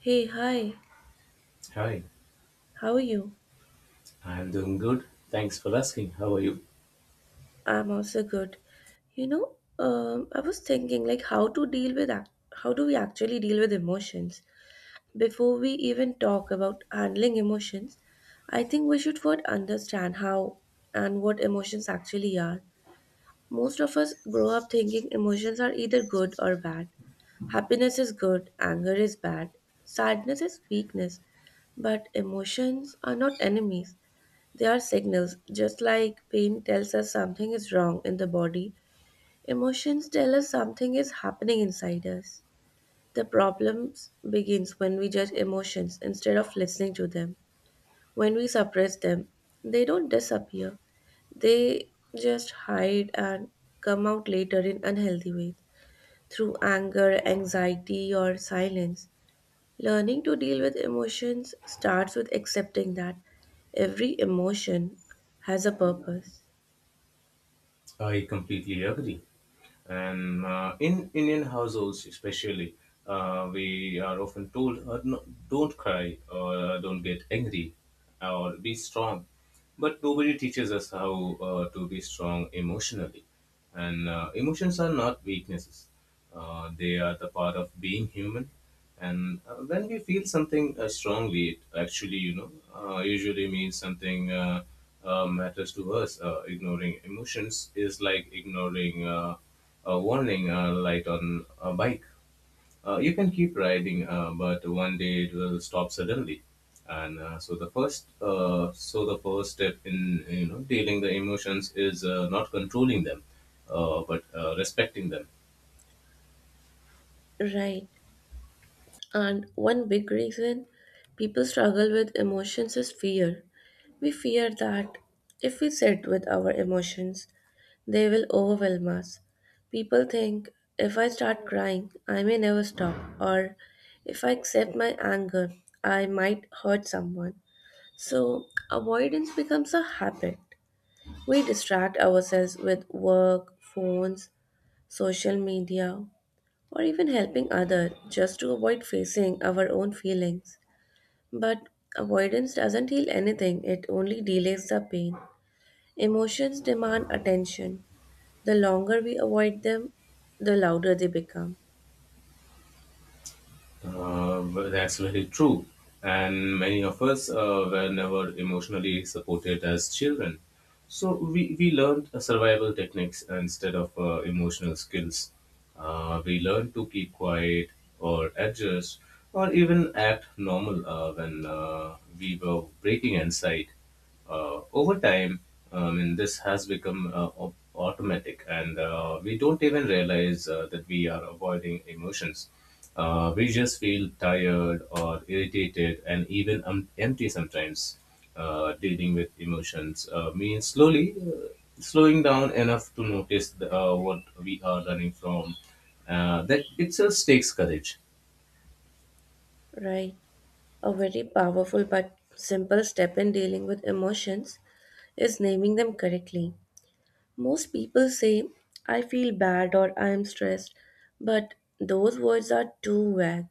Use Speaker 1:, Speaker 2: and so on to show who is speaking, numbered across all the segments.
Speaker 1: Hey, hi.
Speaker 2: Hi,
Speaker 1: How are you?
Speaker 2: I am doing good. Thanks for asking. How are you?
Speaker 1: I'm also good. You know, I was thinking like how to deal with how do we actually deal with emotions? Before we even talk about handling emotions, I think we should first understand how and what emotions actually are. Most of us grow up thinking emotions are either good or bad. Happiness is good, anger is bad, sadness is weakness. But emotions are not enemies. They are signals. Just like pain tells us something is wrong in the body, emotions tell us something is happening inside us. The problem begins when we judge emotions instead of listening to them. When we suppress them, they don't disappear, they just hide and come out later in unhealthy ways through anger, anxiety, or silence. Learning to deal with emotions starts with accepting that every emotion has a purpose.
Speaker 2: I completely agree. And in Indian households, especially, we are often told, no, "Don't cry," or "Don't get angry," or "Be strong." But nobody teaches us how to be strong emotionally. And emotions are not weaknesses, they are the part of being human. And when we feel something strongly, it actually, you know, usually means something matters to us. Ignoring emotions is like ignoring a warning light on a bike. You can keep riding, but one day it will stop suddenly. And so the first step in you know dealing the emotions is not controlling them, but respecting them.
Speaker 1: Right. And one big reason people struggle with emotions is fear. We fear that if we sit with our emotions, they will overwhelm us. People think if I start crying, I may never stop, or if I accept my anger, I might hurt someone. So avoidance becomes a habit. We distract ourselves with work, phones, social media, or even helping others just to avoid facing our own feelings. But avoidance doesn't heal anything, it only delays the pain. Emotions demand attention. The longer we avoid them, the louder they become.
Speaker 2: Well, that's very true. And many of us were never emotionally supported as children. So we learned survival techniques instead of emotional skills. We learned to keep quiet or adjust or even act normal when we were breaking inside. Over time, I mean, this has become automatic, and we don't even realize that we are avoiding emotions. We just feel tired or irritated and even empty sometimes. Dealing with emotions means slowly slowing down enough to notice what we are running from. That itself takes courage.
Speaker 1: Right. A very powerful but simple step in dealing with emotions is naming them correctly. Most people say, "I feel bad" or "I am stressed," but those words are too vague.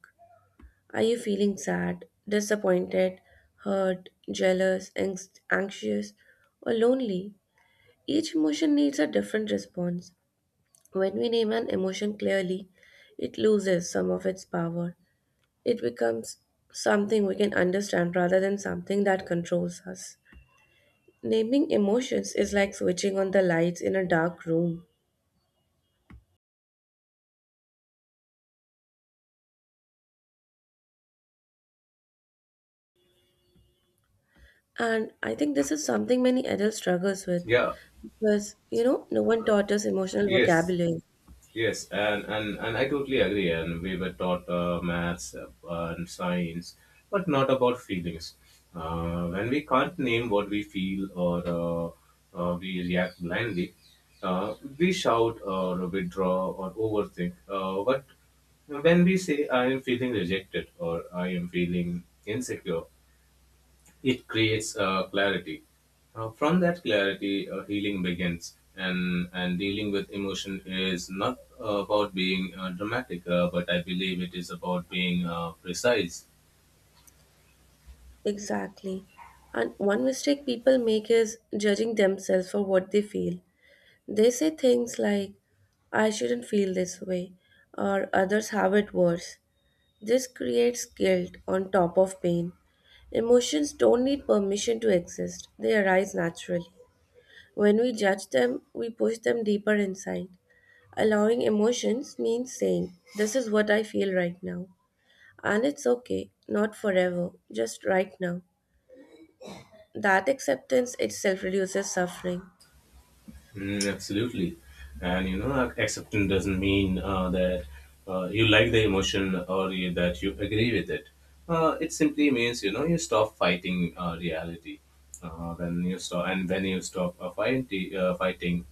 Speaker 1: Are you feeling sad, disappointed, hurt, jealous, anxious, or lonely? Each emotion needs a different response. When we name an emotion clearly, it loses some of its power. It becomes something we can understand rather than something that controls us. Naming emotions is like switching on the lights in a dark room. And I think this is something many adults struggles with
Speaker 2: Yeah,
Speaker 1: because, you know, no one taught us emotional
Speaker 2: yes.
Speaker 1: vocabulary.
Speaker 2: Yes, and I totally agree. And we were taught maths and science, but not about feelings. When we can't name what we feel or we react blindly, we shout or withdraw or overthink. But when we say, I am feeling rejected or I am feeling insecure, it creates clarity. From that clarity, healing begins, and dealing with emotion is not about being dramatic, but I believe it is about being precise.
Speaker 1: Exactly. And one mistake people make is judging themselves for what they feel. They say things like, "I shouldn't feel this way," or "others have it worse." This creates guilt on top of pain. Emotions don't need permission to exist, they arise naturally. When we judge them, we push them deeper inside. Allowing emotions means saying, "This is what I feel right now. And it's okay, not forever, just right now." That acceptance itself reduces suffering.
Speaker 2: Mm, absolutely. And you know, acceptance doesn't mean that you like the emotion or that you agree with it. It simply means you know you stop fighting reality. When you stop fighting,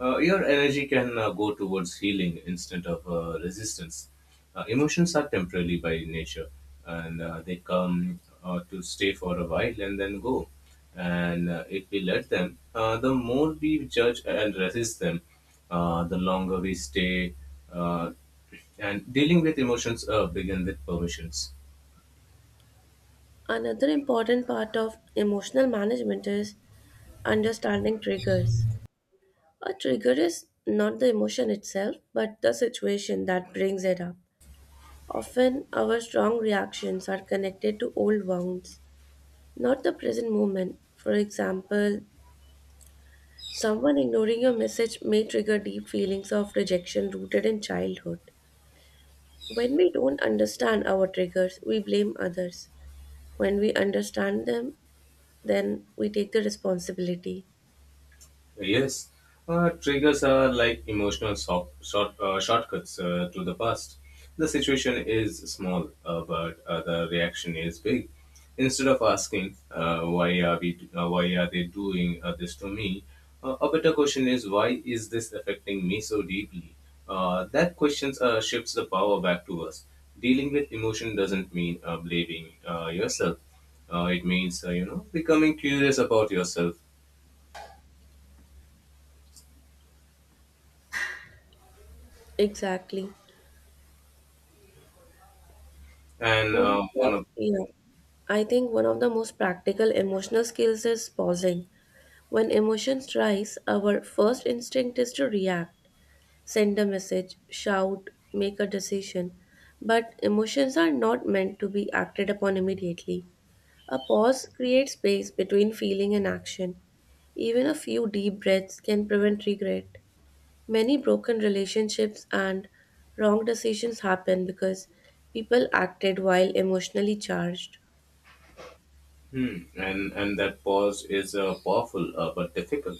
Speaker 2: your energy can go towards healing instead of resistance. Emotions are temporary by nature, and they come to stay for a while and then go. And if we let them, the more we judge and resist them, the longer we stay. Uh, and dealing with emotions begin with permissions.
Speaker 1: Another important part of emotional management is understanding triggers. A trigger is not the emotion itself, but the situation that brings it up. Often, our strong reactions are connected to old wounds, not the present moment. For example, someone ignoring your message may trigger deep feelings of rejection rooted in childhood. When we don't understand our triggers, we blame others. When we understand them, then we take the responsibility.
Speaker 2: Yes, triggers are like emotional short, shortcuts to the past. The situation is small, but the reaction is big. Instead of asking why are they doing this to me, a better question is why is this affecting me so deeply? That question shifts the power back to us. Dealing with emotion doesn't mean blaming yourself. It means you know becoming curious about yourself,
Speaker 1: Exactly.
Speaker 2: and one of
Speaker 1: Yeah. I think one of the most practical emotional skills is pausing. When emotions rise, our first instinct is to react, send a message, shout, make a decision. But emotions are not meant to be acted upon immediately. A pause creates space between feeling and action. Even a few deep breaths can prevent regret. Many broken relationships and wrong decisions happen because people acted while emotionally charged.
Speaker 2: Hmm. And that pause is powerful but difficult.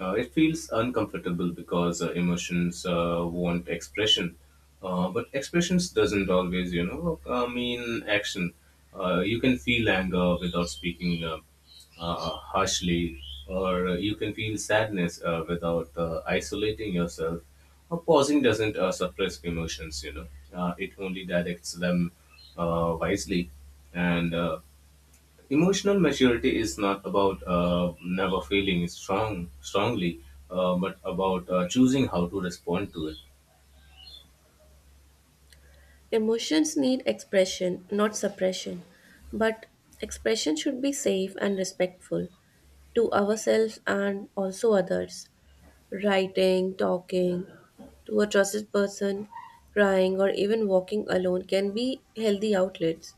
Speaker 2: It feels uncomfortable because emotions want expression, but expressions doesn't always, you know, mean action. You can feel anger without speaking harshly, or you can feel sadness without isolating yourself. Pausing doesn't suppress emotions, you know. It only directs them wisely, and emotional maturity is not about never feeling strongly, but about choosing how to respond to it.
Speaker 1: Emotions need expression, not suppression, but expression should be safe and respectful to ourselves and also others. Writing, talking to a trusted person, crying, or even walking alone can be healthy outlets.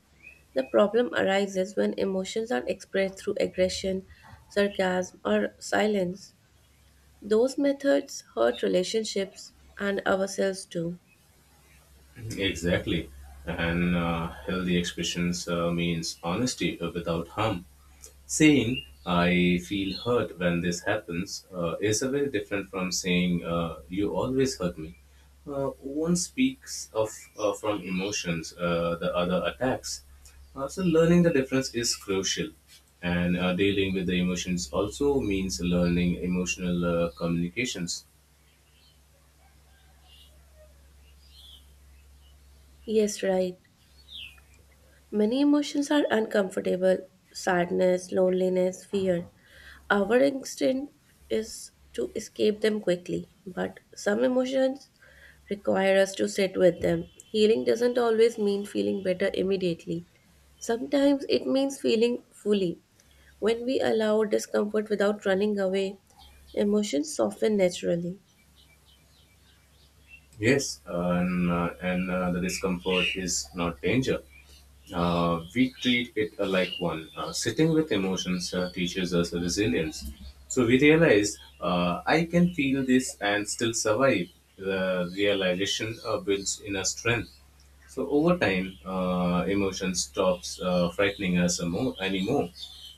Speaker 1: The problem arises when emotions are expressed through aggression, sarcasm, or silence. Those methods hurt relationships and ourselves too.
Speaker 2: Mhm. Exactly, and healthy expressions means honesty without harm. Saying, I feel hurt when this happens, is a very different from saying, you always hurt me. One speaks of from emotions, the other attacks. So learning the difference is crucial, and dealing with the emotions also means learning emotional communications.
Speaker 1: Yes, right. Many emotions are uncomfortable: sadness, loneliness, fear. Our instinct is to escape them quickly, but some emotions require us to sit with them. Healing doesn't always mean feeling better immediately, sometimes it means feeling fully. When we allow discomfort without running away, emotions soften naturally.
Speaker 2: Yes, and the discomfort is not danger. We treat it like one. Sitting with emotions teaches us resilience. So we realize I can feel this and still survive. The realization builds inner strength. So over time, emotion stops frightening us more anymore,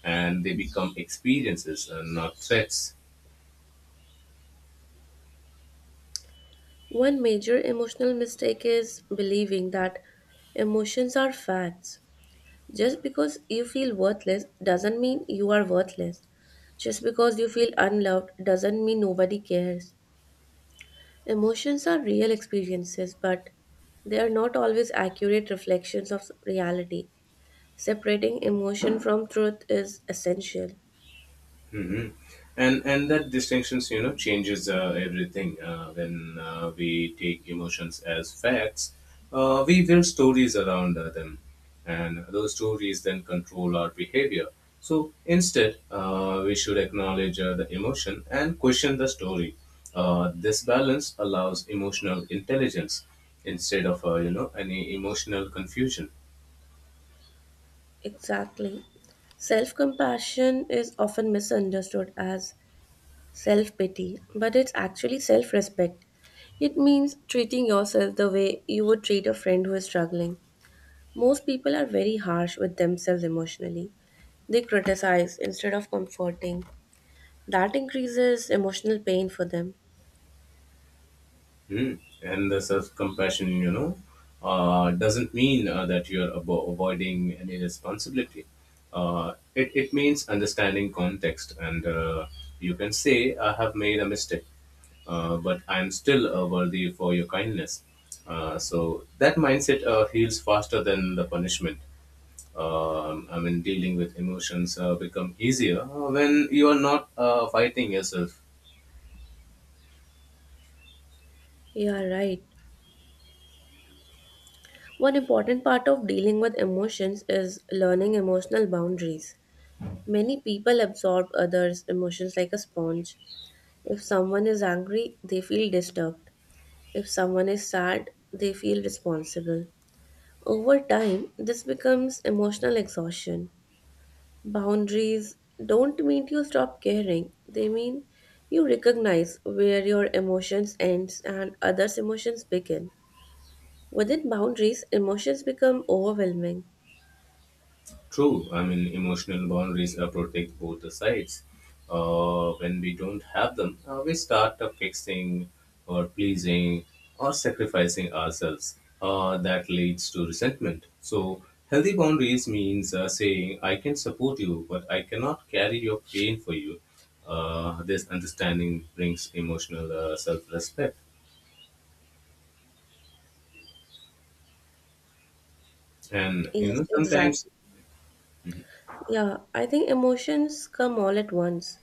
Speaker 2: and they become experiences, not threats.
Speaker 1: One major emotional mistake is believing that emotions are facts. Just because you feel worthless doesn't mean you are worthless. Just because you feel unloved doesn't mean nobody cares. Emotions are real experiences, but they are not always accurate reflections of reality. Separating emotion from truth is essential.
Speaker 2: Hmm. And that distinctions, you know, changes everything. When we take emotions as facts, we build stories around them, and those stories then control our behavior. So instead, we should acknowledge the emotion and question the story. This balance allows emotional intelligence instead of you know any emotional confusion.
Speaker 1: Exactly. Self compassion is often misunderstood as self pity, but it's actually self respect. It means treating yourself the way you would treat a friend who is struggling. Most people are very harsh with themselves emotionally. They criticize instead of comforting. That increases emotional pain for them.
Speaker 2: Hmm. And the self compassion, you know, doesn't mean that you're avoiding any responsibility. It means understanding context, and you can say, I have made a mistake, but I'm still worthy for your kindness. So that mindset heals faster than the punishment. I mean, dealing with emotions become easier when you are not fighting yourself.
Speaker 1: Yeah, right. One important part of dealing with emotions is learning emotional boundaries. Many people absorb others' emotions like a sponge. If someone is angry, they feel disturbed. If someone is sad, they feel responsible. Over time, this becomes emotional exhaustion. Boundaries don't mean you stop caring, they mean you recognize where your emotions ends and others' emotions begin. Within boundaries, emotions become overwhelming.
Speaker 2: True. I mean, emotional boundaries protect both the sides. When we don't have them, we start fixing or pleasing or sacrificing ourselves. That leads to resentment. So, healthy boundaries means saying, I can support you, but I cannot carry your pain for you. This understanding brings emotional self respect. And, you
Speaker 1: Yes,
Speaker 2: know, sometimes
Speaker 1: exactly. Yeah, I think emotions come all at once: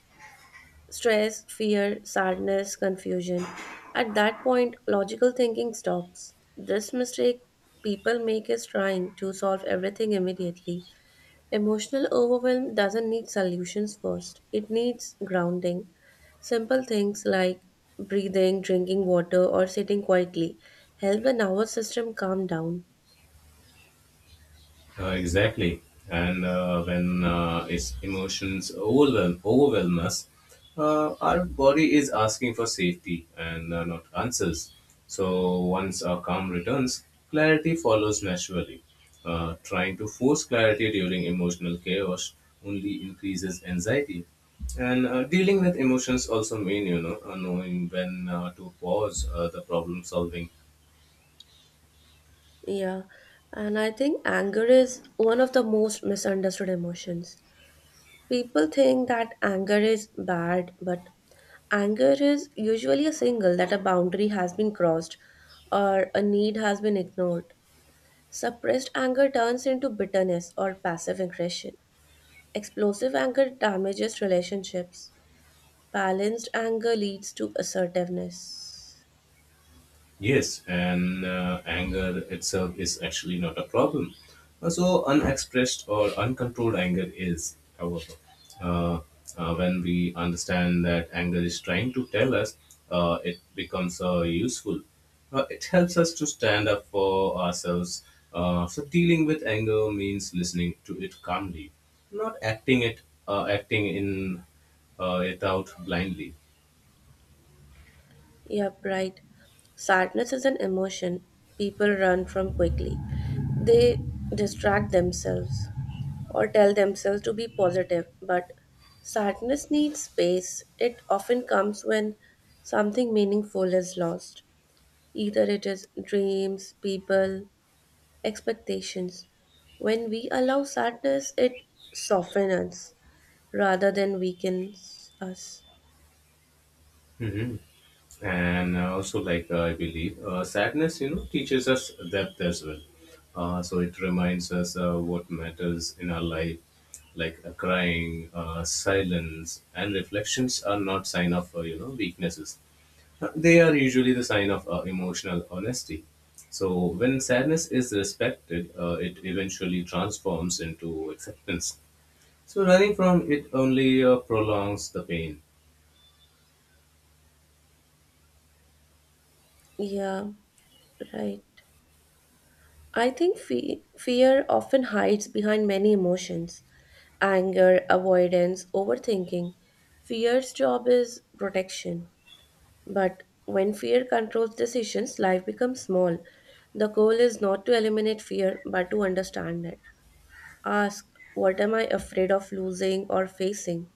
Speaker 1: stress, fear, sadness, confusion. At that point, logical thinking stops. This mistake people make is trying to solve everything immediately. Emotional overwhelm doesn't need solutions first, it needs grounding. Simple things like breathing, drinking water, or sitting quietly help the nervous system calm down.
Speaker 2: Exactly. And when its overwhelm us, our body is asking for safety and not answers. So once our calm returns, clarity follows naturally. Trying to force clarity during emotional chaos only increases anxiety. And dealing with emotions also mean, you know, knowing when to pause the problem solving.
Speaker 1: Yeah, and I think anger is one of the most misunderstood emotions. People think that anger is bad, but anger is usually a signal that a boundary has been crossed or a need has been ignored. Suppressed anger turns into bitterness or passive aggression. Explosive anger damages relationships. Balanced anger leads to assertiveness.
Speaker 2: Yes, and anger itself is actually not a problem. So, unexpressed or uncontrolled anger is, however, uh, when we understand that anger is trying to tell us, it becomes useful. It helps us to stand up for ourselves. So, dealing with anger means listening to it calmly, not acting it, acting in it out blindly.
Speaker 1: Yep, right. Sadness is an emotion people run from quickly. They distract themselves or tell themselves to be positive, but sadness needs space. It often comes when something meaningful is lost. Either it is dreams, people, expectations. When we allow sadness, it softens rather than weakens us.
Speaker 2: Mhm. And also like I believe sadness you know teaches us depth as well, so it reminds us what matters in our life, like crying, silence and reflections are not sign of you know weaknesses. They are usually the sign of emotional honesty. So when sadness is respected, it eventually transforms into acceptance. So running from it only prolongs the pain.
Speaker 1: Yeah, right. I think fear often hides behind many emotions: anger, avoidance, overthinking. Fear's job is protection. But when fear controls decisions, life becomes small. The goal is not to eliminate fear, but to understand it. Ask, what am I afraid of losing or facing?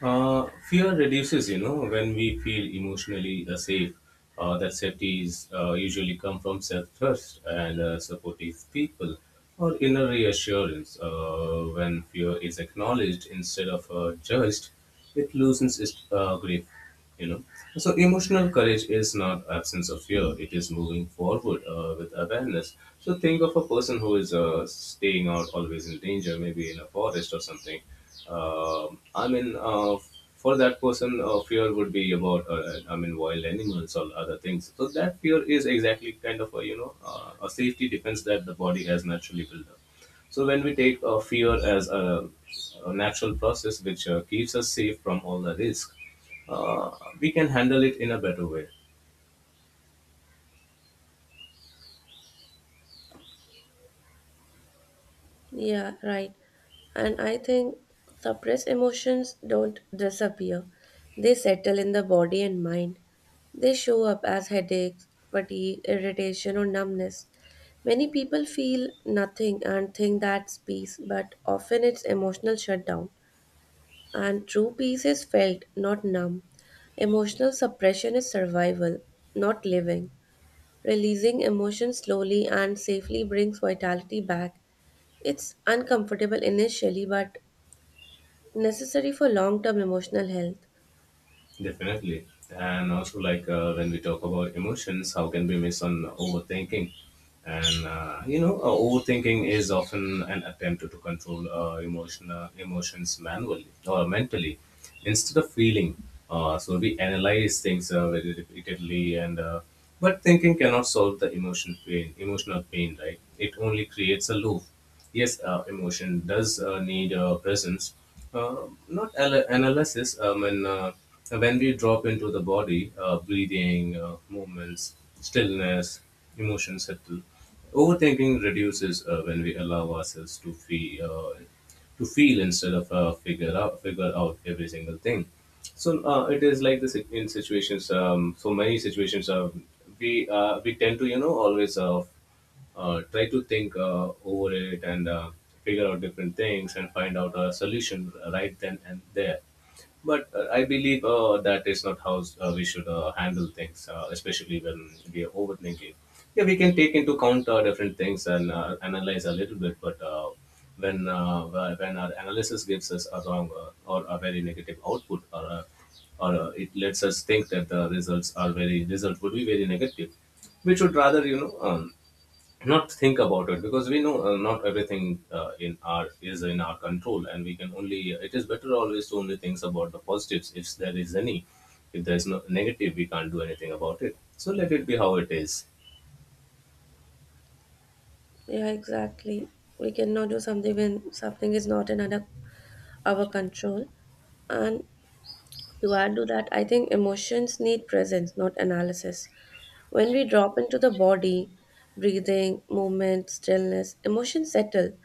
Speaker 2: Fear reduces, you know, when we feel emotionally safe. That safety is usually come from self-trust and supportive people or inner reassurance. When fear is acknowledged instead of judged, it loosens its grip, you know. So emotional courage is not absence of fear, it is moving forward with awareness. So think of a person who is staying out always in danger, maybe in a forest or something. Um i mean uh, for that person, fear would be about I mean wild animals or other things. So that fear is exactly kind of a you know a safety defense that the body has naturally built up. So when we take fear as a natural process which keeps us safe from all the risk, uh, we can handle it in a better way.
Speaker 1: Yeah, right. And I think suppressed emotions don't disappear, they settle in the body and mind. They show up as headaches, fatigue, irritation, or numbness. Many people feel nothing and think that's peace, but often it's emotional shutdown. And true peace is felt, not numb. Emotional suppression is survival, not living. Releasing emotions slowly and safely brings vitality back. It's uncomfortable initially, but necessary for long term emotional health.
Speaker 2: Definitely, and also like when we talk about emotions, how can we miss on overthinking? And you know overthinking is often an attempt to control emotional emotions manually or mentally instead of feeling. So we analyze things very repeatedly, and but thinking cannot solve the emotion pain emotional pain, right? It only creates a loop. Yes, emotion does need presence, not analysis. And When we drop into the body, breathing, movements, stillness, emotions settle. Overthinking reduces when we allow ourselves to feel, instead of figure out every single thing. So it is like this in situations. So many situations, we tend to you know always try to think over it, and figure out different things and find out a solution right then and there. But I believe that is not how we should handle things, especially when we are overthinking. Yeah, we can take into account different things and analyze a little bit, but when uh, when our analysis gives us a wrong or a very negative output, or it lets us think that the result would be very negative, we should rather not think about it because we know not everything in our is in our control, and we can only, it is better always to only think about the positives if there is any. If there is no negative, we can't do anything about it, so let it be how it is.
Speaker 1: Yeah, exactly. We cannot do something when something is not in under our control. And to add to that, I think emotions need presence, not analysis. When we drop into the body, breathing, movement, stillness, emotions settle.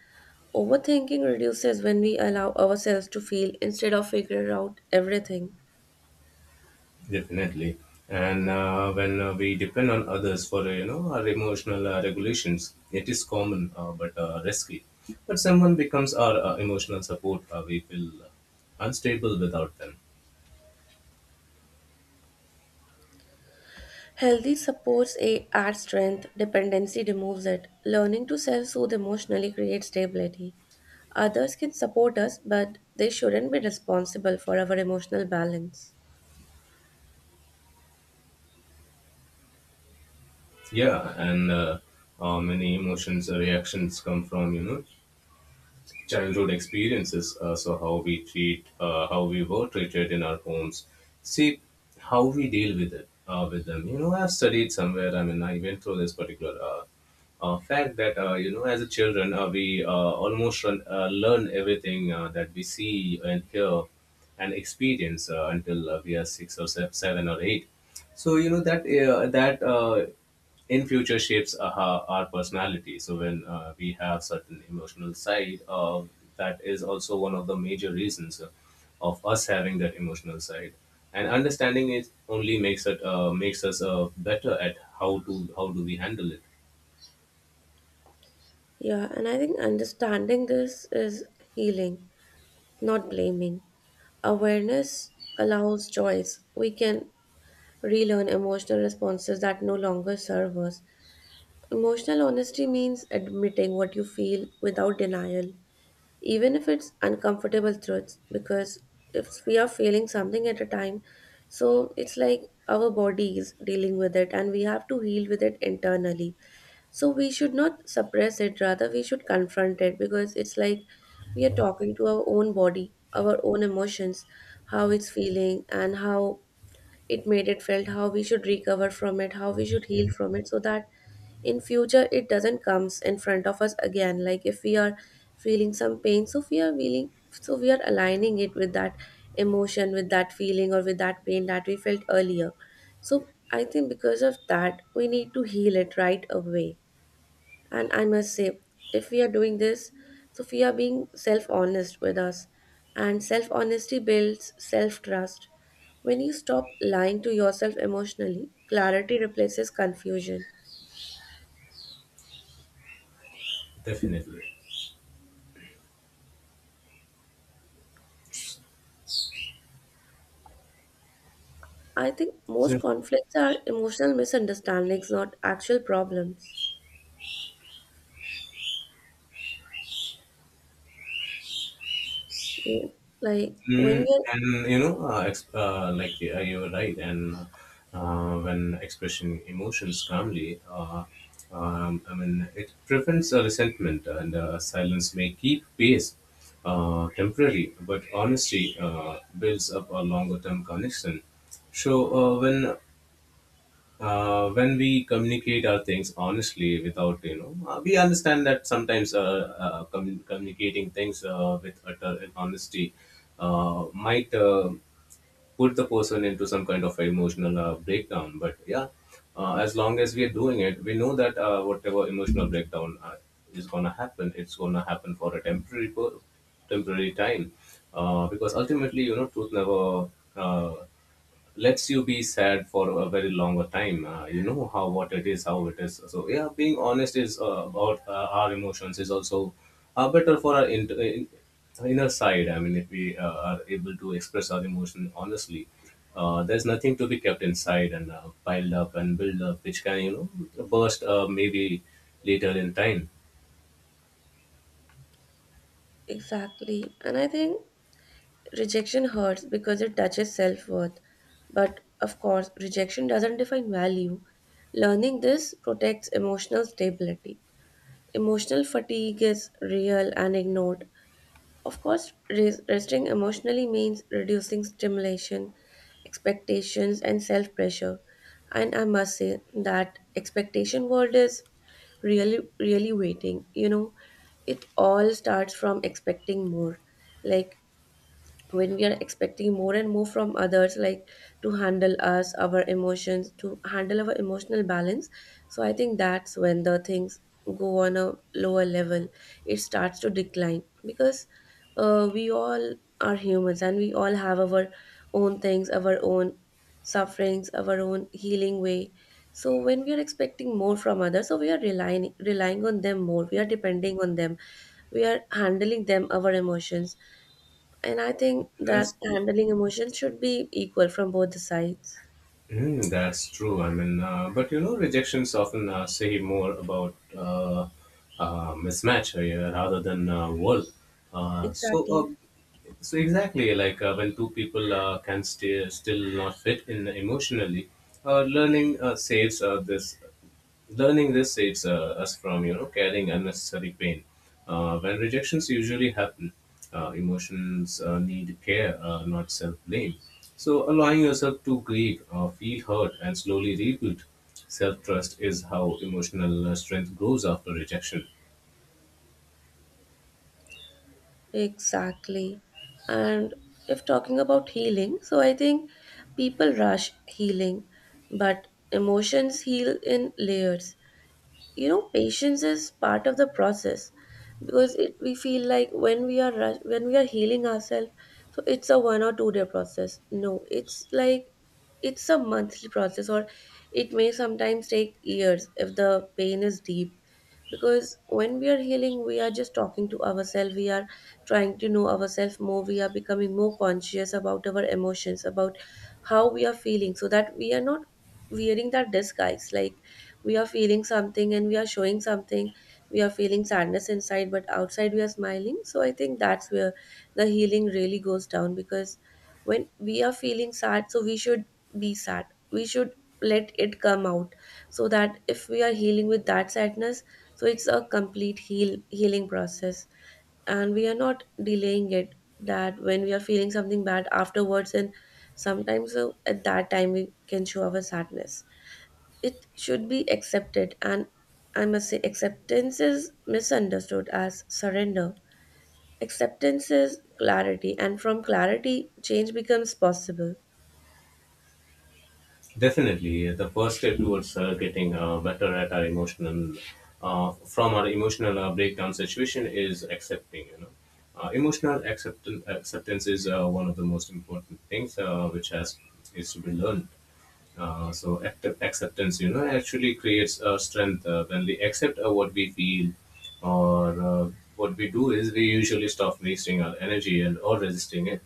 Speaker 1: Overthinking reduces when we allow ourselves to feel instead of figure out everything.
Speaker 2: Definitely. And when we depend on others for our emotional regulations, it is common but risky. But someone becomes our emotional support, we feel unstable without them.
Speaker 1: Healthy supports a art strength, dependency removes it. Learning to self soothe emotionally creates stability. Others can support us, but they shouldn't be responsible for our emotional balance.
Speaker 2: Yeah, and many emotions, reactions, come from childhood experiences. So how we treat, how we were treated in our homes, see how we deal with it, with them. You know, I've studied somewhere. I mean, I went through this particular fact that, you know, as a children, we almost learn everything that we see and hear and experience until we are six or seven or eight. So you know that that in future shapes our personality. So when we have certain emotional side, that is also one of the major reasons of us having that emotional side, and understanding it only makes us better at how to, how do we handle it.
Speaker 1: Yeah, and I think understanding this is healing, not blaming. Awareness allows choice. We can relearn emotional responses that no longer serve us. Emotional honesty means admitting what you feel without denial, even if it's uncomfortable truths, because if we are feeling something at a time, so it's like our body is dealing with it and we have to heal with it internally. So we should not suppress it, rather, we should confront it, because it's like we are talking to our own body, our own emotions, how it's feeling, and how it made it felt, how we should recover from it, how we should heal from it, so that in future it doesn't comes in front of us again. Like if we are feeling some pain, so we are feeling, so we are aligning it with that emotion, with that feeling, or with that pain that we felt earlier. So I think because of that we need to heal it right away. And I must say, if we are doing this, so we are being self honest with us. And self honesty builds self trust. When you stop lying to yourself emotionally, clarity replaces confusion.
Speaker 2: Definitely.
Speaker 1: I think most conflicts are emotional misunderstandings, not actual problems. Yeah. Like when we
Speaker 2: Mm,
Speaker 1: are
Speaker 2: and you know, like, you're right. And when expressing emotions calmly, I mean, it prevents a resentment, and silence may keep pace temporary, but honesty builds up a longer term connection. So, uh, when when we communicate our things honestly without, we understand that sometimes communicating things with utter honesty might put the person into some kind of emotional breakdown, but yeah, as long as we are doing it, we know that whatever emotional breakdown is going to happen, it's going to happen for a temporary time, because ultimately, you know, truth never uh, lets you be sad for a very longer time. You know how, what it is, how it is. So yeah, being honest is about our emotions is also better for our inner side. I mean, if we are able to express our emotion honestly, there's nothing to be kept inside and piled up and build up, which can, you know, burst, maybe later in time.
Speaker 1: exactly, and I think rejection hurts because it touches self worth. But of course, rejection doesn't define value. Learning this protects emotional stability. Emotional fatigue is real and ignored. Of course, resting emotionally means reducing stimulation, expectations, and self pressure. And I must say that expectation world is really, really waiting. You know, it all starts from expecting more. Like when we are expecting more and more from others, like to handle us our emotions, to handle our emotional balance, so I think that's when the things go on a lower level. It starts to decline because we all are humans and we all have our own things, our own sufferings, our own healing way. So when we are expecting more from others, so we are relying on them more, we are depending on them, we are handling them our emotions, and I think that
Speaker 2: Yes.
Speaker 1: handling emotions should be equal from both the sides.
Speaker 2: Mm, that's true. I mean, but you know, rejections often say more about mismatch, yeah, rather than worth. Uh, so, uh,
Speaker 1: Exactly.
Speaker 2: so exactly, like when two people can stay, still not fit in emotionally, uh, learning uh, saves uh, this Learning this saves us from, you know, carrying unnecessary pain. When rejections usually happen, emotions need care, not self-blame. So allowing yourself to grieve, feel hurt, and slowly rebuild self-trust is how emotional strength grows after rejection.
Speaker 1: Exactly. And if talking about healing, so I think people rush healing, but emotions heal in layers. You know, patience is part of the process, because it, we feel like when we are rush, when we are healing ourselves, so it's a 1 or 2 day process. No, it's like it's a monthly process, or it may sometimes take years if the pain is deep, because when we are healing we are just talking to ourselves, we are trying to know ourselves more, we are becoming more conscious about our emotions, about how we are feeling, so that we are not wearing that disguise, like we are feeling something and we are showing something, we are feeling sadness inside but outside we are smiling. So I think that's where the healing really goes down, because when we are feeling sad, so we should be sad, we should let it come out, so that if we are healing with that sadness, so it's a complete healing process, and we are not delaying it. That when we are feeling something bad afterwards, and sometimes at that time we can show our sadness. It should be accepted. And I must say, acceptance is misunderstood as surrender. Acceptance is clarity, and from clarity, change becomes possible.
Speaker 2: Definitely, the first step towards getting better at our emotional, from our emotional breakdown situation, is accepting. You know, emotional acceptance is one of the most important things which has is to be learned. So active acceptance, you know, actually creates strength. When we accept what we feel, or what we do is we usually stop wasting our energy and or resisting it.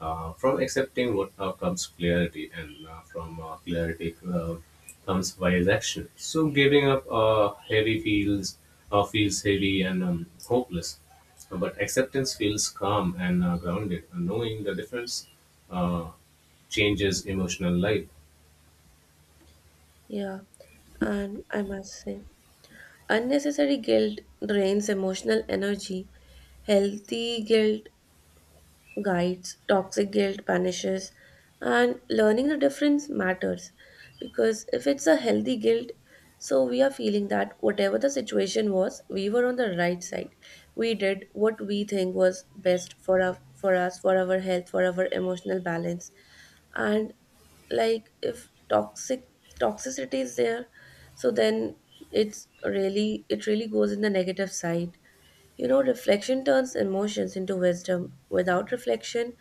Speaker 2: From accepting, what comes clarity, and from clarity comes wise action. So giving up heavy feels feels heavy and hopeless, but acceptance feels calm and grounded. Knowing the difference uh, changes emotional life.
Speaker 1: Yeah, and I must say, unnecessary guilt drains emotional energy. Healthy guilt guides, toxic guilt vanishes, and learning the difference matters, because if it's a healthy guilt, so we are feeling that whatever the situation was, we were on the right side. We did what we think was best for our, for us, for our health, for our emotional balance. And like if toxicity is there, so then it's really, it really goes in the negative side. You know, reflection turns emotions into wisdom. Without reflection,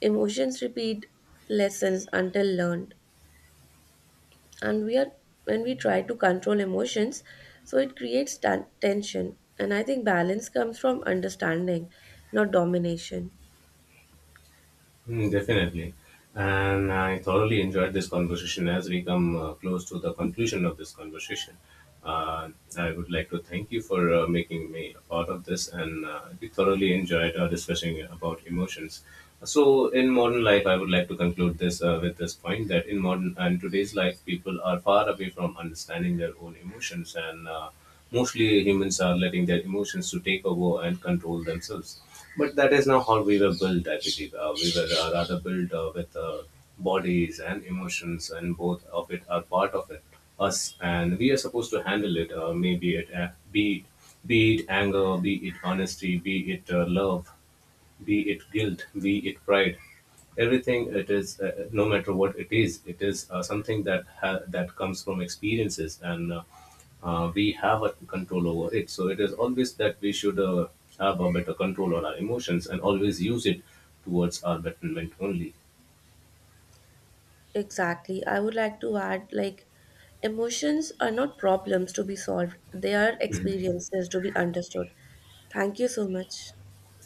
Speaker 1: emotions repeat lessons until learned. And we are when we try to control emotions, so it creates tension. And I think balance comes from understanding, not domination.
Speaker 2: Mm, definitely. And I thoroughly enjoyed this conversation as we come close to the conclusion of this conversation. Uh, I would like to thank you for making me a part of this, and we thoroughly enjoyed discussing about emotions. So, in modern life, I would like to conclude this with this point, that in modern and today's life, people are far away from understanding their own emotions, and mostly humans are letting their emotions to take over and control themselves. But that is not how we were built. I believe we were rather built with bodies and emotions, and both of it are part of it us, and we are supposed to handle it. Maybe it, be it be it anger, be it honesty, be it love, be it guilt, be it pride, everything it is, no matter what it is something that comes from experiences, and we have a control over it. So it is always that we should have a better control on our emotions and always use it towards our betterment only.
Speaker 1: Exactly. I would like to add like emotions are not problems to be solved. They are
Speaker 2: Mhm.
Speaker 1: experiences to be understood. Thank you so much.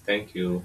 Speaker 2: Thank you.